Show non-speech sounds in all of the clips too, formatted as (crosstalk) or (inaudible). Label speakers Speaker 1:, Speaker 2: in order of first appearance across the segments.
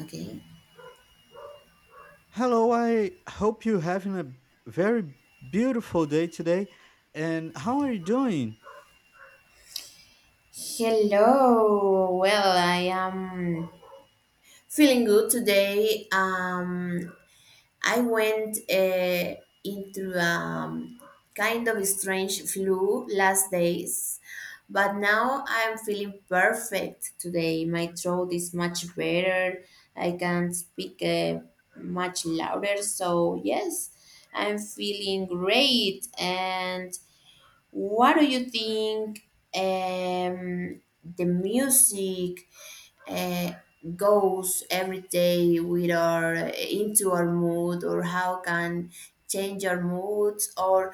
Speaker 1: Okay.
Speaker 2: Hello, I hope you're having a very beautiful day today. And how are you doing?
Speaker 1: Hello. Well, I am feeling good today. I went into kind of a strange flu last days, but now I'm feeling perfect today. My throat is much better. I can speak much louder. So yes, I'm feeling great and what do you think, um, the music uh, goes every day with our into our mood, or how can change our moods, or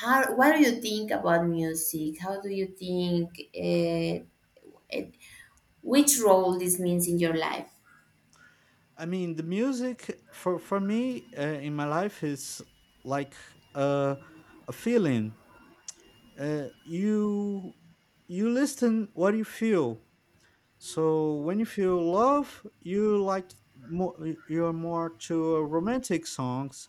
Speaker 1: how? What do you think about music? How do you think, it, which role this means in your life?
Speaker 2: I mean, the music for me in my life is like, uh, a feeling. Uh, you you listen what you feel. So when you feel love, you like more, you're more to romantic songs.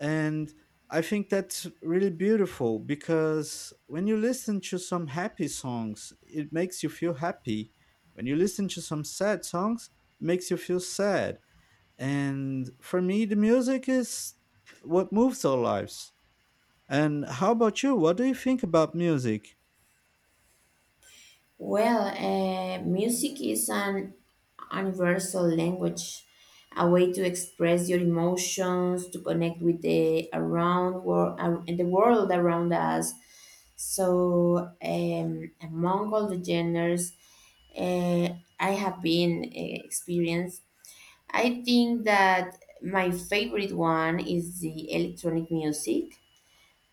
Speaker 2: And I think that's really beautiful because when you listen to some happy songs, it makes you feel happy. When you listen to some sad songs, it makes you feel sad. And for me, the music is what moves our lives. And how about you? What do you think about music?
Speaker 1: Well, music is an universal language, a way to express your emotions, to connect with the around world and the world around us. So, among all the genders, I have been experienced, I think that my favorite one is the electronic music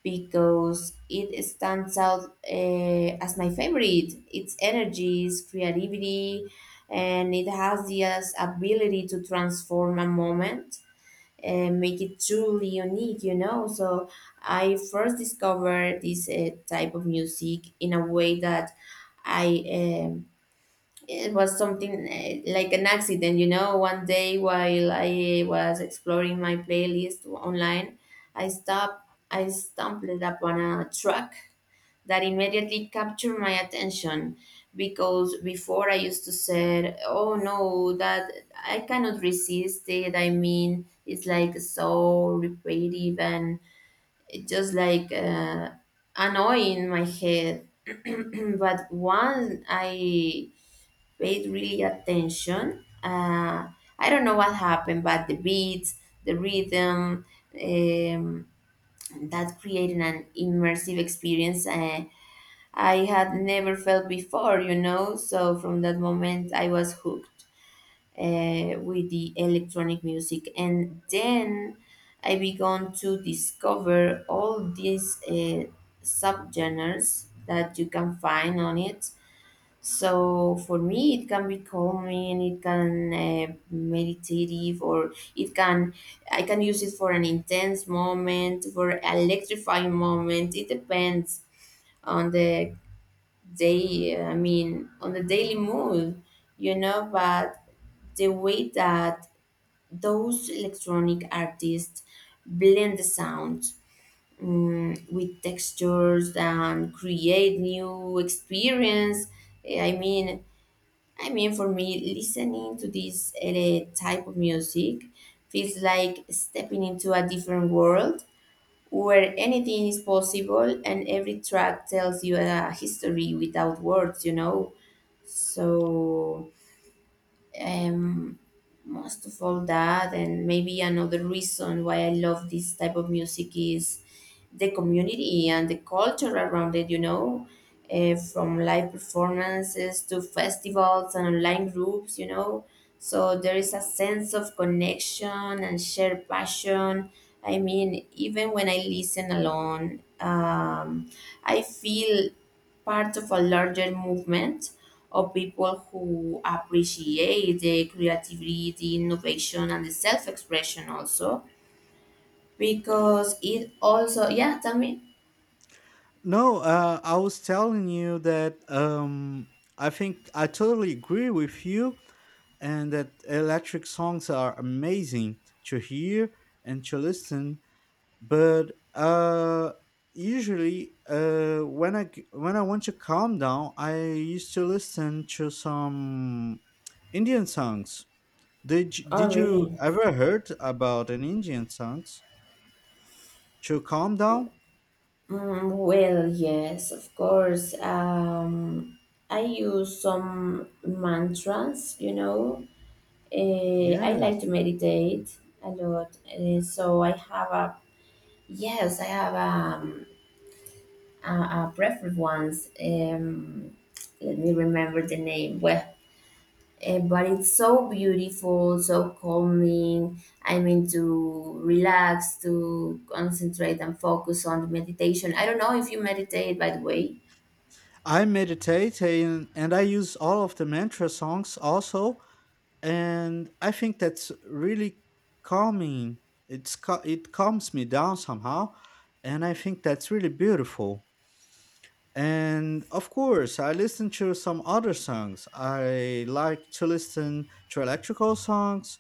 Speaker 1: because it stands out as my favorite. Its energy, its creativity, and it has the ability to transform a moment and make it truly unique. So I first discovered this type of music in a way that I eh, it was something like an accident, you know, one day while I was exploring my playlist online, I stumbled upon a track that immediately captured my attention, because before I used to say, oh no, that I cannot resist it. I mean, it's like so repetitive and it just like annoying my head. (clears throat) But once I paid really attention. I don't know what happened, but the beats, the rhythm, um, that created an immersive experience I had never felt before. So from that moment, I was hooked with the electronic music, and then I began to discover all these subgenres that you can find on it. So for me, it can be calming, it can meditative, or it can I can use it for an intense moment, for an electrifying moment. It depends on the day. I mean, on the daily mood. But the way that those electronic artists blend the sound, with textures and create new experience. eh, I mean I mean, for me, listening to this type of music feels like stepping into a different world where anything is possible and every track tells you a history without words, you know? So um, most of all that, and maybe another reason why I love this type of music is the community and the culture around it, from live performances to festivals and online groups, so there is a sense of connection and shared passion. I mean, even when I listen alone, I feel part of a larger movement of people who appreciate the creativity, the innovation, and the self expression also. Because it also, yeah, tell me.
Speaker 2: No, I was telling you that I think I totally agree with you and that electric songs are amazing to hear and to listen, but usually, when I want to calm down, I used to listen to some Indian songs. Did
Speaker 1: Oh,
Speaker 2: did you
Speaker 1: really?
Speaker 2: ever heard about an Indian songs to calm down?
Speaker 1: Mm, well, yes, of course. I use some mantras. I like to
Speaker 2: Yes,
Speaker 1: meditate a lot. So I have a, yes, I have uh, a preferred ones. Let me remember the name. Well, but it's so beautiful, so calming. I mean, to relax, to concentrate and focus on the meditation. I don't know if you meditate, by the way.
Speaker 2: I meditate, and I use all of the mantra songs also, and I think that's really calming. It calms me down somehow, and I think that's really beautiful. And of course, I listen to some other songs. I like to listen to electrical songs.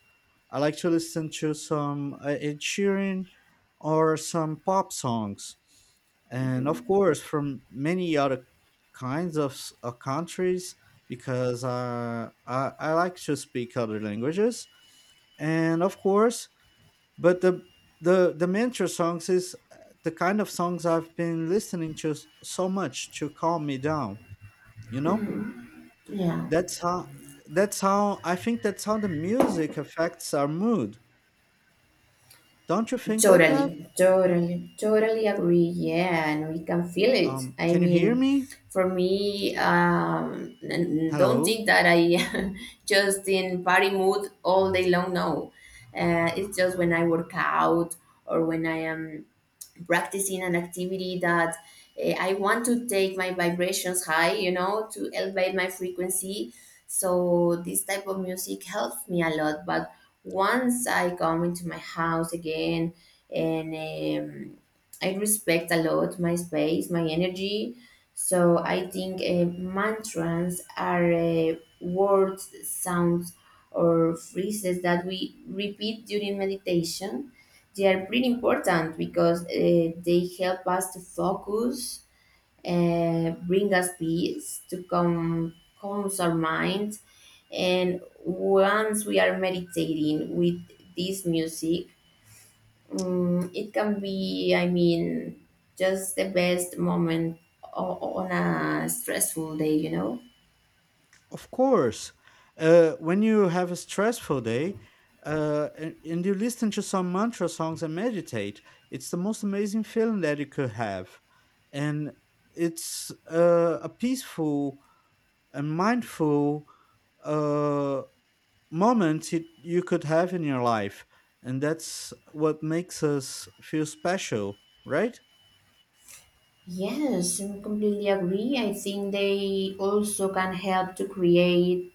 Speaker 2: I like to listen to some, Ed Sheeran or some pop songs. And of
Speaker 1: Mhm.
Speaker 2: course, from many other kinds of countries, because I like to speak other languages. And of course, but the mantra songs is, the kind of songs I've been listening to so much to calm me down. You know,
Speaker 1: Mhm. Yeah.
Speaker 2: that's how that's how I think that's how the music affects our mood. Don't you think like that?
Speaker 1: Totally, totally, totally agree. Yeah, and we can feel it. I
Speaker 2: Can you hear
Speaker 1: mean,
Speaker 2: me?
Speaker 1: for me, don't
Speaker 2: Hello.
Speaker 1: think that I (laughs) just in party mood all day long. No, it's just when I work out or when I am practicing an activity that I want to take my vibrations high, to elevate my frequency. So this type of music helps me a lot. But once I come into my house again and um, I respect a lot my space, my energy. So I think mantras are words, sounds, or phrases that we repeat during meditation. They are pretty important because they help us to focus, bring us peace, to calm, calms our minds. And once we are meditating with this music, it can be, I mean, just the best moment on a stressful day, you know?
Speaker 2: Of course. When you have a stressful day, and you listen to some mantra songs and meditate, it's the most amazing feeling that you could have. And it's, a peaceful and mindful, uh, moment you could have in your life. And that's what makes us feel special, right?
Speaker 1: Yes, I completely agree. I think they also can help to create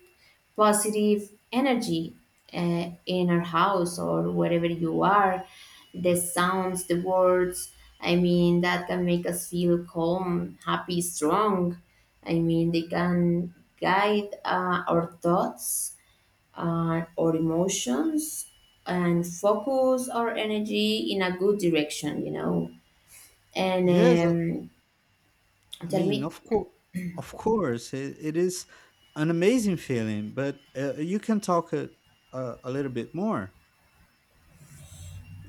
Speaker 1: positive energy in our house or wherever you are, the sounds, the words. I mean, that can make us feel calm, happy, strong. I mean, they can guide our thoughts, our emotions, and focus our energy in a good direction, you know. And
Speaker 2: Yes, I
Speaker 1: tell
Speaker 2: mean,
Speaker 1: me.
Speaker 2: of course, it is an amazing feeling, but you can talk a little bit more.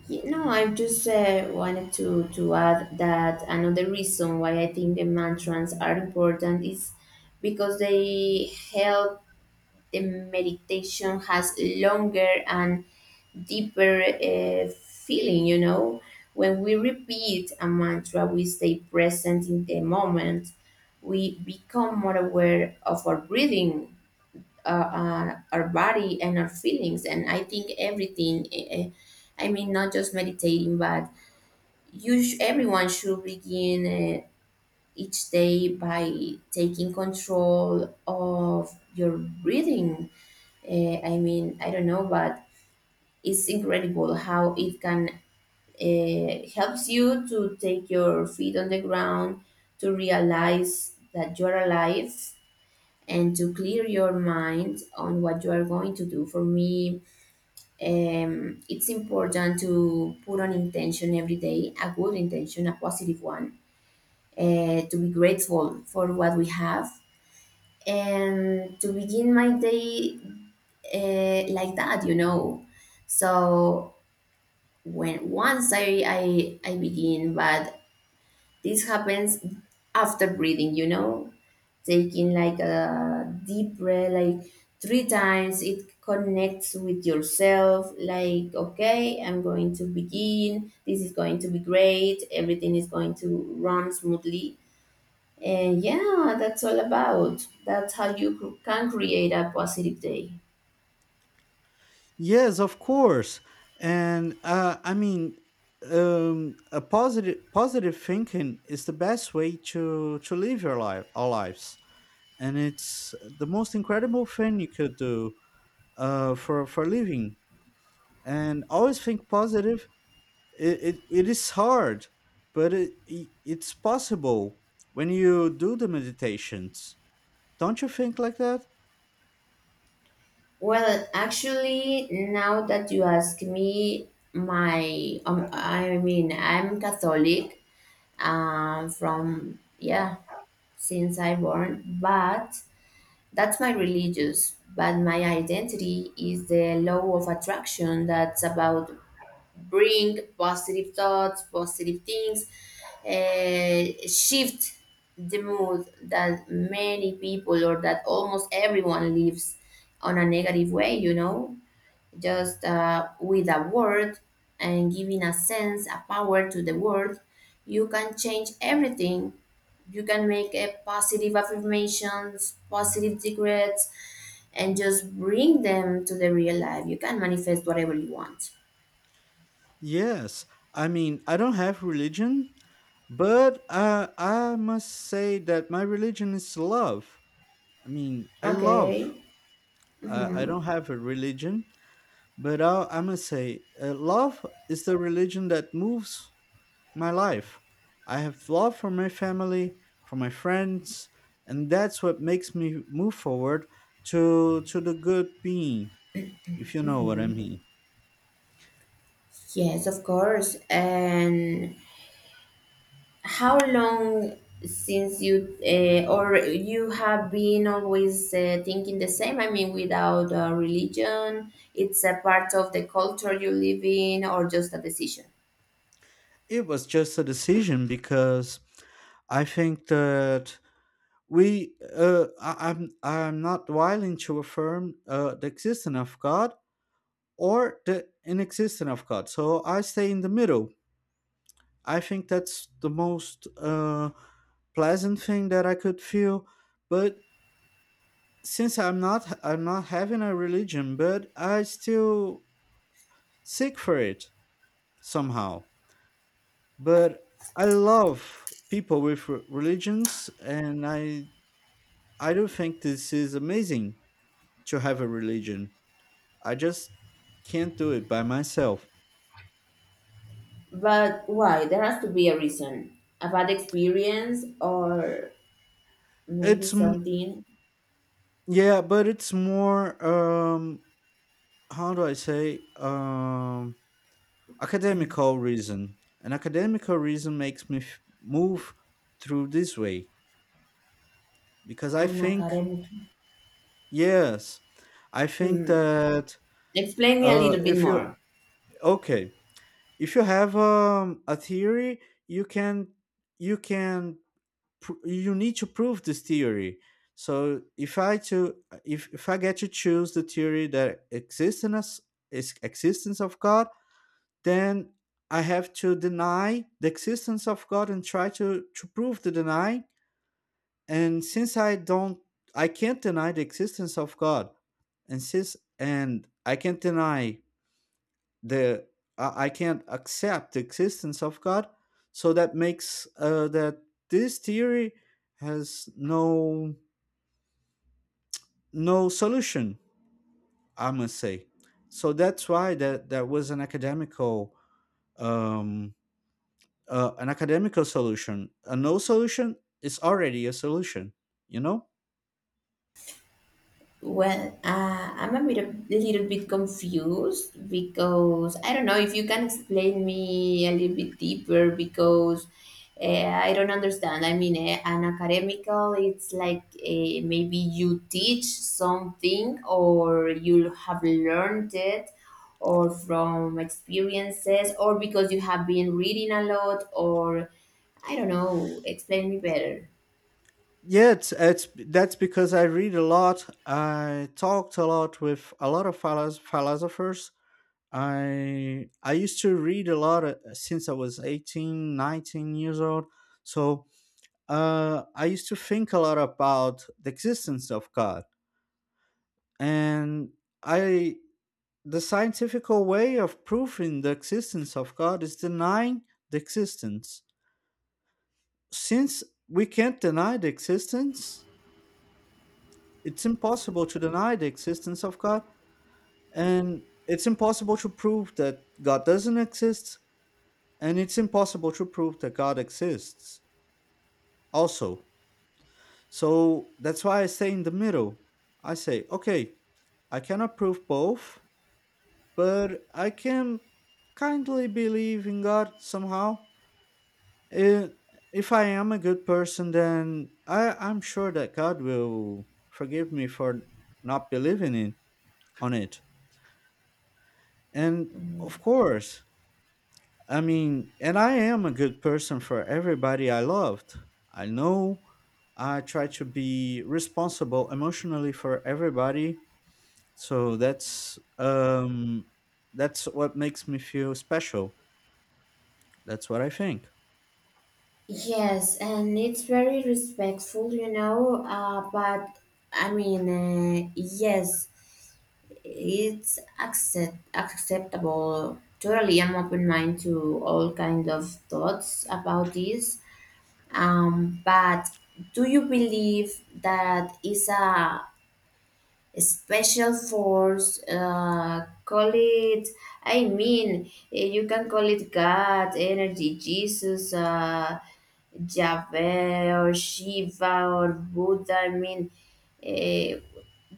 Speaker 1: You know, I just wanted to add that another reason why I think the mantras are important is because they help the meditation has longer and deeper feeling. When we repeat a mantra, we stay present in the moment. We become more aware of our breathing, our body, and our feelings. And I think everything, I mean, not just meditating, but everyone should begin each day by taking control of your breathing. I mean, I don't know, but it's incredible how it can helps you to take your feet on the ground, to realize that you're alive, and to clear your mind on what you are going to do. For me, it's important to put an intention every day, a good intention, a positive one, to be grateful for what we have and to begin my day like that, you know. So when once I begin, but this happens after breathing, taking like a deep breath, like three times. It connects with yourself. Like, okay, I'm going to begin. This is going to be great. Everything is going to run smoothly. And yeah, that's all about. That's how you can create a positive day.
Speaker 2: Yes, of course, and I mean, a positive thinking is the best way to live your life, our lives, and it's the most incredible thing you could do, for living. And always think positive. It is hard, but it's possible when you do the meditations. Don't you think like that?
Speaker 1: Well, actually, now that you ask me, my I mean, I'm Catholic, from yeah since I born, but that's my religious. But my identity is the law of attraction. That's about bring positive thoughts, positive things, uh, shift the mood that many people or that almost everyone lives on a negative way, you know, just with a word and giving a sense, a power to the word, you can change everything. You can make a positive affirmations, positive decrees, and just bring them to the real life. You can manifest whatever you want.
Speaker 2: Yes, I mean, I don't have religion, but I must say that my religion is love. I mean, I love.
Speaker 1: Okay.
Speaker 2: I
Speaker 1: Hmm.
Speaker 2: don't have a religion, but I must say, love is the religion that moves my life. I have love for my family, for my friends, and that's what makes me move forward to the good being, if you know what I
Speaker 1: Hmm.
Speaker 2: mean.
Speaker 1: Yes, of course. And how long since you or you have been always thinking the same? I mean, without religion, it's a part of the culture you live in, or just a decision?
Speaker 2: It was just a decision because I think that we I'm not willing to affirm the existence of God or the inexistence of God. So I stay in the middle. I think that's the most, pleasant thing that I could feel, but since I'm not having a religion, but I still seek for it somehow. But I love people with religions, and I do think this is amazing to have a religion. I just can't do it by myself.
Speaker 1: But why? There has to be a reason. A bad experience, or maybe
Speaker 2: It's m-
Speaker 1: something
Speaker 2: yeah, but it's more, how do I say, academical reason. An academical reason makes me move through this way because I
Speaker 1: an
Speaker 2: think,
Speaker 1: academic.
Speaker 2: yes, I think
Speaker 1: Mm.
Speaker 2: that,
Speaker 1: Explain me a little bit
Speaker 2: if you
Speaker 1: more.
Speaker 2: okay, if you have, a theory, you can you can you need to prove this theory. So if I get to choose the theory that existence of God, then I have to deny the existence of God and try to prove the deny. And since I don't, I can't deny the existence of God, and since, and I can't deny the, I can't accept the existence of God. So that makes, that this theory has no solution, I must say. So that's why that was um an academical solution. A no solution is already a solution you know
Speaker 1: Well, I'm a little bit confused because I don't know if you can explain me a little bit deeper, because uh, I don't understand. I mean, an academical, it's like maybe you teach something or you have learned it or from experiences or because you have been reading a lot or I don't know. Explain me better.
Speaker 2: Yeah, it's that's because I read a lot. I talked a lot with a lot of philosophers. I used to read a lot, since I was 18, 19 years old. So, I used to think a lot about the existence of God, and I the scientific way of proving the existence of God is denying the existence. Since we can't deny the existence, it's impossible to deny the existence of God, and it's impossible to prove that God doesn't exist, and it's impossible to prove that God exists also. So that's why I stay in the middle. I say, okay, I cannot prove both, but I can kindly believe in God somehow. Eh, If I am a good person, then I'm sure that God will forgive me for not believing in on it. And
Speaker 1: Mm.
Speaker 2: of course, I mean, and I am a good person for everybody I loved. I know I try to be responsible emotionally for everybody. So that's what makes me feel special. That's what I think.
Speaker 1: Yes, and it's very respectful. But I mean, yes, it's acceptable. Totally, I'm open mind to all kind of thoughts about this. But do you believe that is a special force, call it, I mean, you can call it god, energy, Jesus, Jahveh or Shiva or Buddha. I mean, eh,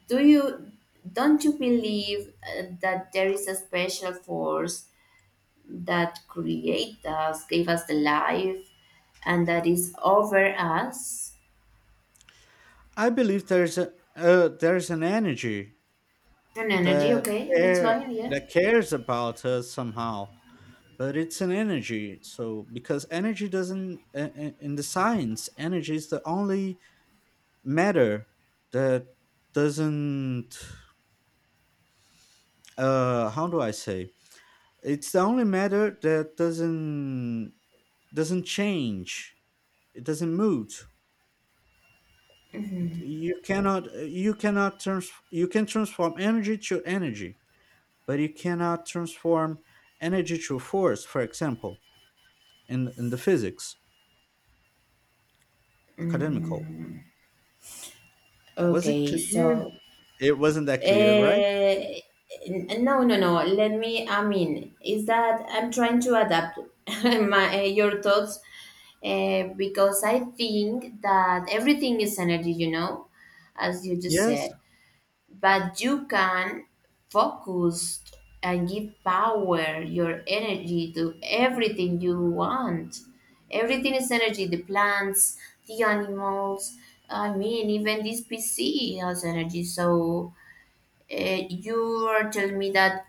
Speaker 1: do you don't you believe that there is a special force that created us, gave us the life, and that is over us?
Speaker 2: I believe there's an energy
Speaker 1: An energy,
Speaker 2: that
Speaker 1: okay, that's
Speaker 2: care
Speaker 1: fine, yeah.
Speaker 2: that cares about us somehow. But it's an energy, so because energy doesn't, in the science, energy is the only matter that doesn't, how do I say, it's the only matter that doesn't change. It doesn't move. You cannot trans you can transform energy to energy, but you cannot transform energy to force, for example, in the physics, academical.
Speaker 1: Mm,
Speaker 2: Was it
Speaker 1: okay,
Speaker 2: clear?
Speaker 1: so.
Speaker 2: It wasn't that clear, right?
Speaker 1: Eh, no, no, no. Let me. I mean, is that I'm trying to adapt (laughs) your thoughts, because I think that everything is energy, you know, as you just
Speaker 2: Yes.
Speaker 1: said. But you can focus and give power, your energy to everything you want. Everything is energy. The plants, the animals. I mean, even this PC has energy. So you are telling me that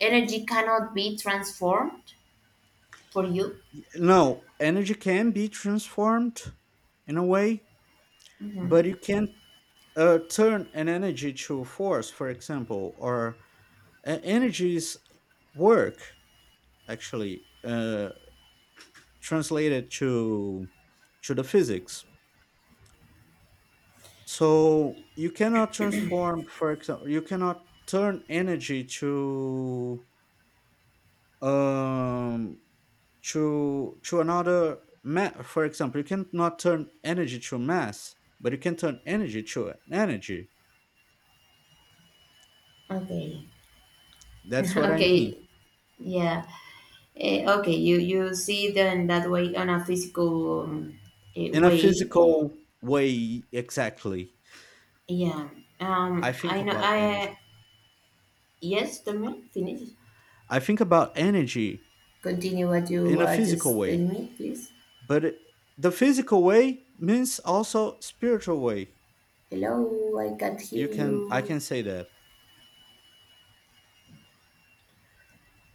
Speaker 1: energy cannot be transformed for you.
Speaker 2: No, energy can be transformed in a way, but you can't, turn an energy to force, for example, or, energy is work, actually, translated to the physics. So you cannot transform, for example, you cannot turn energy um to to another for example, you cannot turn energy to mass, but you can turn energy to energy.
Speaker 1: Okay. (laughs)
Speaker 2: That's what I mean.
Speaker 1: Okay. Yeah. Okay. You see it that way on a physical
Speaker 2: In a
Speaker 1: way.
Speaker 2: physical way, exactly.
Speaker 1: Yeah.
Speaker 2: i think
Speaker 1: I know.
Speaker 2: about
Speaker 1: I
Speaker 2: energy
Speaker 1: yes. Tell me. Finish.
Speaker 2: i think about energy
Speaker 1: Continue what you
Speaker 2: in a
Speaker 1: are
Speaker 2: physical
Speaker 1: just
Speaker 2: way,
Speaker 1: telling me, please.
Speaker 2: but the physical way means also spiritual way.
Speaker 1: Hello. I can't hear
Speaker 2: you can i
Speaker 1: you.
Speaker 2: can say that.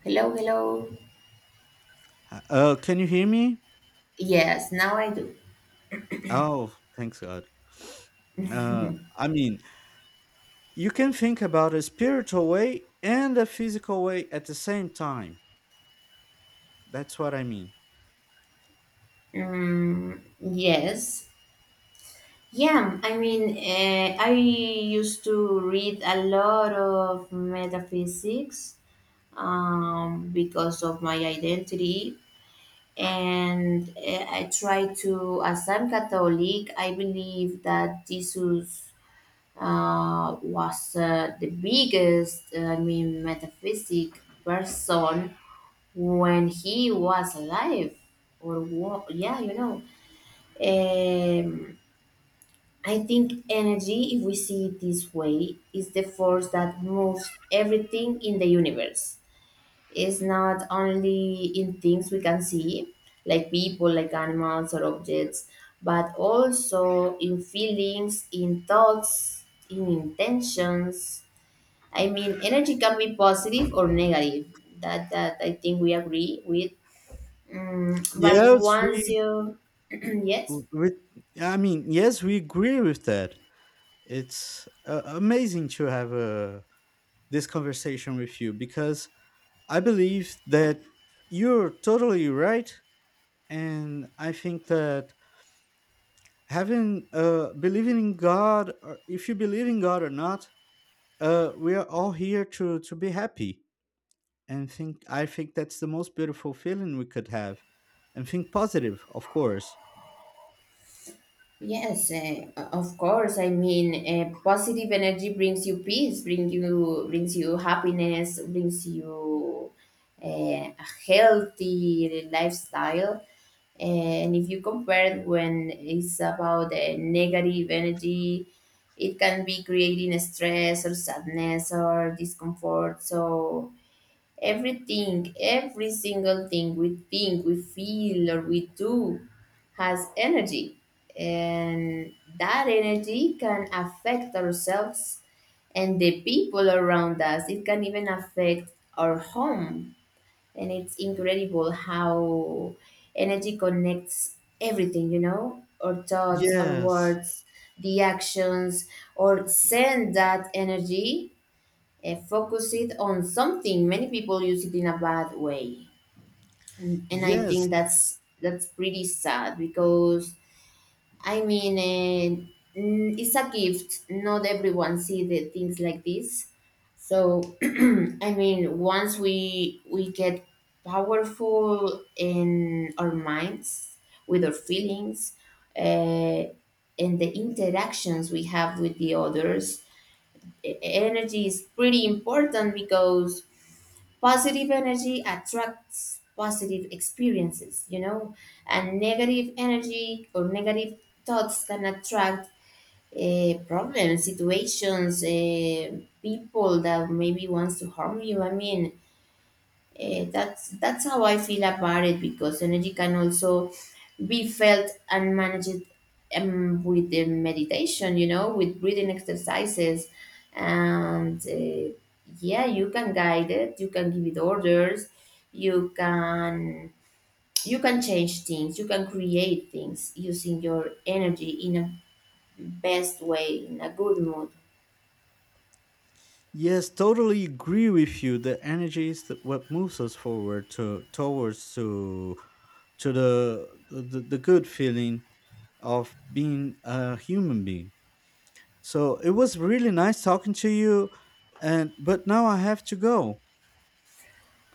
Speaker 1: Hello. Hello.
Speaker 2: Can you hear me?
Speaker 1: Yes. Now I do.
Speaker 2: Oh, thanks God. uh I mean, you can think about a spiritual way and a physical way at the same time. That's what I mean.
Speaker 1: Yes. Yeah, I mean, I used to read a lot of metaphysics, because of my identity, and I try to, as I'm Catholic, I believe that Jesus was the biggest, I mean, metaphysic person when he was alive, or yeah. Um, I think energy, if we see it this way, is the force that moves everything in the universe. It's not only in things we can see, like people, like animals or objects, but also in feelings, in thoughts, in intentions. I mean, energy can be positive or negative. That I think we agree with. Mm, but
Speaker 2: Yes, we,
Speaker 1: (clears throat) yes.
Speaker 2: we I mean, yes, we agree with that. It's, amazing to have, this conversation with you because I believe that you're totally right, and I think that having believing in God, or if you believe in God or not, we are all here to be happy and think I think that's the most beautiful feeling we could have. And think positive, of course.
Speaker 1: Yes, of course. I mean, positive energy brings you peace, brings you happiness, brings you a healthy lifestyle. And if you compare it when it's about negative energy, it can be creating stress or sadness or discomfort. So everything, every single thing we think, we feel, or we do has energy. And that energy can affect ourselves and the people around us. It can even affect our home. And it's incredible how energy connects everything, you know, our thoughts, our
Speaker 2: Yes.
Speaker 1: words, the actions, or send that energy, focus it on something. Many people use it in a bad way, and I think
Speaker 2: Yes.
Speaker 1: that's pretty sad because I mean it's a gift. Not everyone see the things like this. So (clears throat) I mean, once we get powerful in our minds with our feelings. Uh, and the interactions we have with the others energy is pretty important because positive energy attracts positive experiences, you know, and negative energy or negative thoughts can attract problems, situations, people that maybe wants to harm you. I mean, that's how I feel about it because energy can also be felt and managed with the meditation, you know, with breathing exercises. And yeah, you can guide it, you can give it orders, you can you can change things, you can create things using your energy in a best way, in a good mood.
Speaker 2: Yes, totally agree with you. The energy is what moves us forward to towards to the good feeling of being a human being. So it was really nice talking to you, and but now I have to go.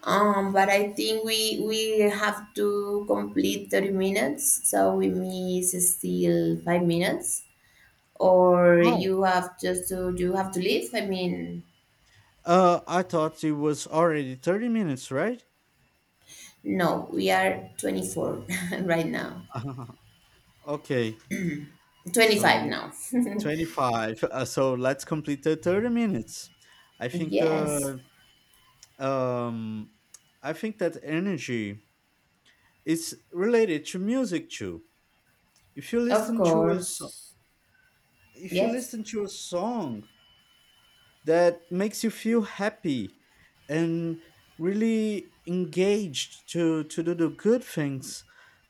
Speaker 1: But I think we have to complete 30 minutes, so we miss still 5 minutes. Or you
Speaker 2: Oh.
Speaker 1: have just to you have to leave, I mean.
Speaker 2: I thought it was already 30 minutes, right?
Speaker 1: No, we are 24 (laughs) right now.
Speaker 2: (laughs) okay.
Speaker 1: 25
Speaker 2: So
Speaker 1: now. (laughs)
Speaker 2: 25. So let's complete the 30 minutes. I think
Speaker 1: Yes,
Speaker 2: the um I think that energy is related to music too. If you
Speaker 1: of
Speaker 2: listen to a song,
Speaker 1: course.
Speaker 2: if you
Speaker 1: Yes.
Speaker 2: listen to a song that makes you feel happy and really engaged to do the good things,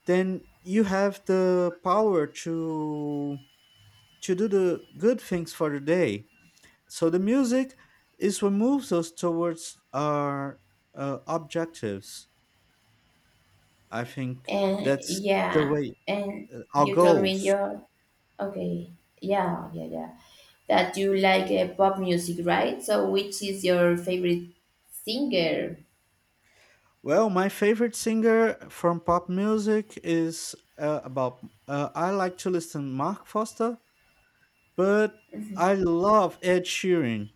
Speaker 2: then you have the power to do the good things for the day. So the music is what moves us towards our, objectives. I think
Speaker 1: And
Speaker 2: that's the
Speaker 1: yeah.
Speaker 2: way,
Speaker 1: And
Speaker 2: our
Speaker 1: you told me
Speaker 2: goals.
Speaker 1: you're okay. Yeah, yeah, yeah, that you like pop music, right? So which is your favorite singer?
Speaker 2: Well, my favorite singer from pop music is, about. I like to listen Mark Foster, but
Speaker 1: Mhm.
Speaker 2: I love Ed Sheeran.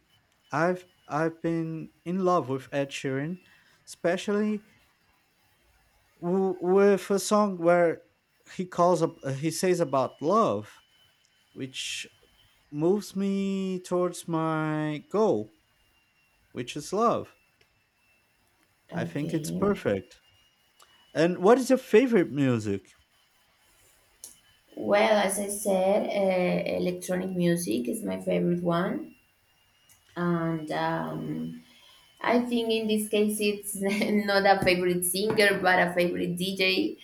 Speaker 2: I've been in love with Ed Sheeran, especially with a song where he calls up. He says about love, which moves me towards my goal, which is love. I think it's
Speaker 1: Okay,
Speaker 2: perfect. And what is your favorite music?
Speaker 1: well, as I said, electronic music is my favorite one, and I think in this case it's (laughs) not a favorite singer but a favorite DJ,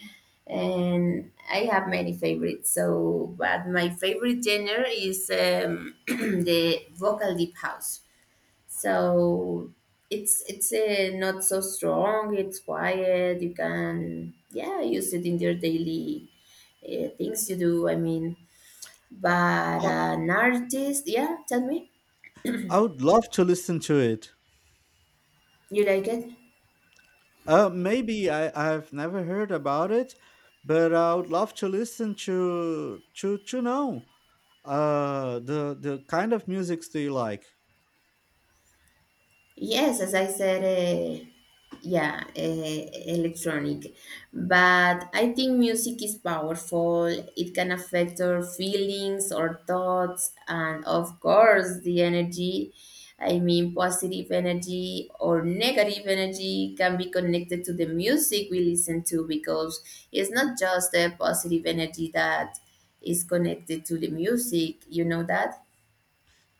Speaker 1: and I have many favorites. So, but my favorite genre is (clears throat) the vocal deep house. So it's not so strong. It's quiet. You can, yeah, use it in your daily things you do. I mean, but
Speaker 2: I
Speaker 1: an artist, yeah. Tell me,
Speaker 2: I would love to listen to it.
Speaker 1: you like it?
Speaker 2: Maybe I've never heard about it, but I would love to listen to know, the kind of music do you like?
Speaker 1: Yes, as I said, yeah, electronic. But I think music is powerful. It can affect our feelings, our thoughts, and of course, the energy. I mean, positive energy or negative energy can be connected to the music we listen to because it's not just the positive energy that is connected to the music. You know that?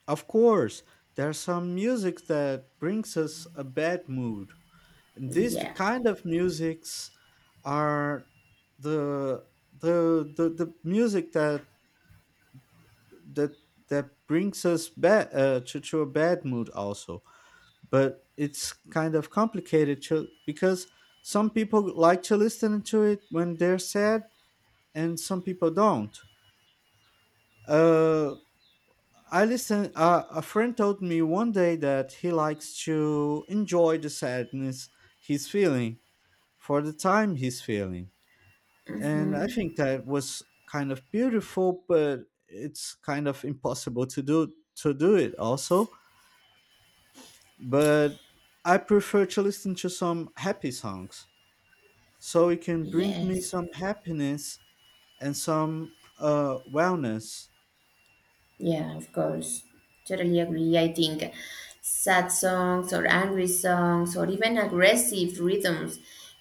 Speaker 2: Of course, there's some music that brings us a bad mood. These
Speaker 1: Yeah.
Speaker 2: kind of musics are the the music that that brings us back, to a bad mood also, but it's kind of complicated because some people like to listen to it when they're sad, and some people don't, uh, I listen a friend told me one day that he likes to enjoy the sadness he's feeling, for the time he's feeling. And I
Speaker 1: Mm-hmm.
Speaker 2: think that was kind of beautiful, but it's kind of impossible to do it also. But I prefer to listen to some happy songs, so it can bring me
Speaker 1: Yes.
Speaker 2: some happiness and some, wellness.
Speaker 1: Yeah, of course. Totally agree. I think sad songs or angry songs or even aggressive rhythms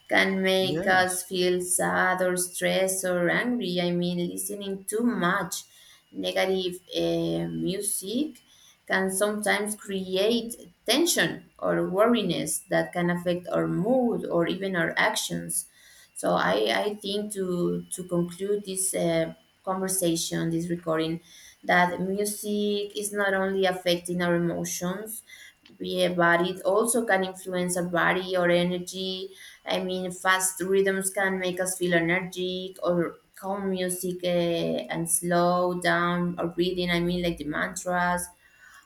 Speaker 1: can make us
Speaker 2: Yes,
Speaker 1: feel sad or stressed or angry. I mean, listening too much negative music can sometimes create tension or worriness that can affect our mood or even our actions. So I think to conclude this conversation, this recording, that music is not only affecting our emotions, yeah, but it also can influence our body or energy. I mean, fast rhythms can make us feel energetic, or calm music and slow down or breathing. I mean, like the mantras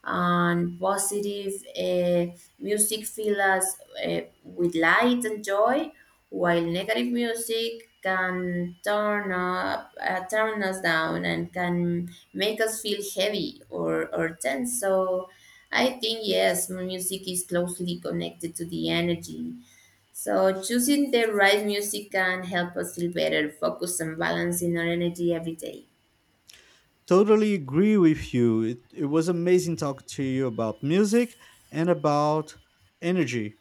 Speaker 1: and positive music fill us uh, with light and joy, while negative music can turn up, turn us down, and can make us feel heavy or tense. So I think, yes, music is closely connected to the energy, so choosing the right music can help us feel better, focus and balance in our energy every day.
Speaker 2: totally agree with you. It was amazing talking to you about music and about energy.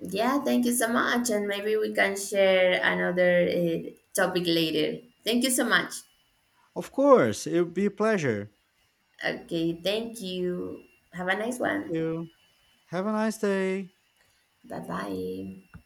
Speaker 1: Yeah, thank you so much, and maybe we can share another topic later. Thank you so much.
Speaker 2: Of course, it would be a pleasure.
Speaker 1: Okay, thank you. Have a nice
Speaker 2: Thank
Speaker 1: one.
Speaker 2: you. Have a nice day.
Speaker 1: Bye bye.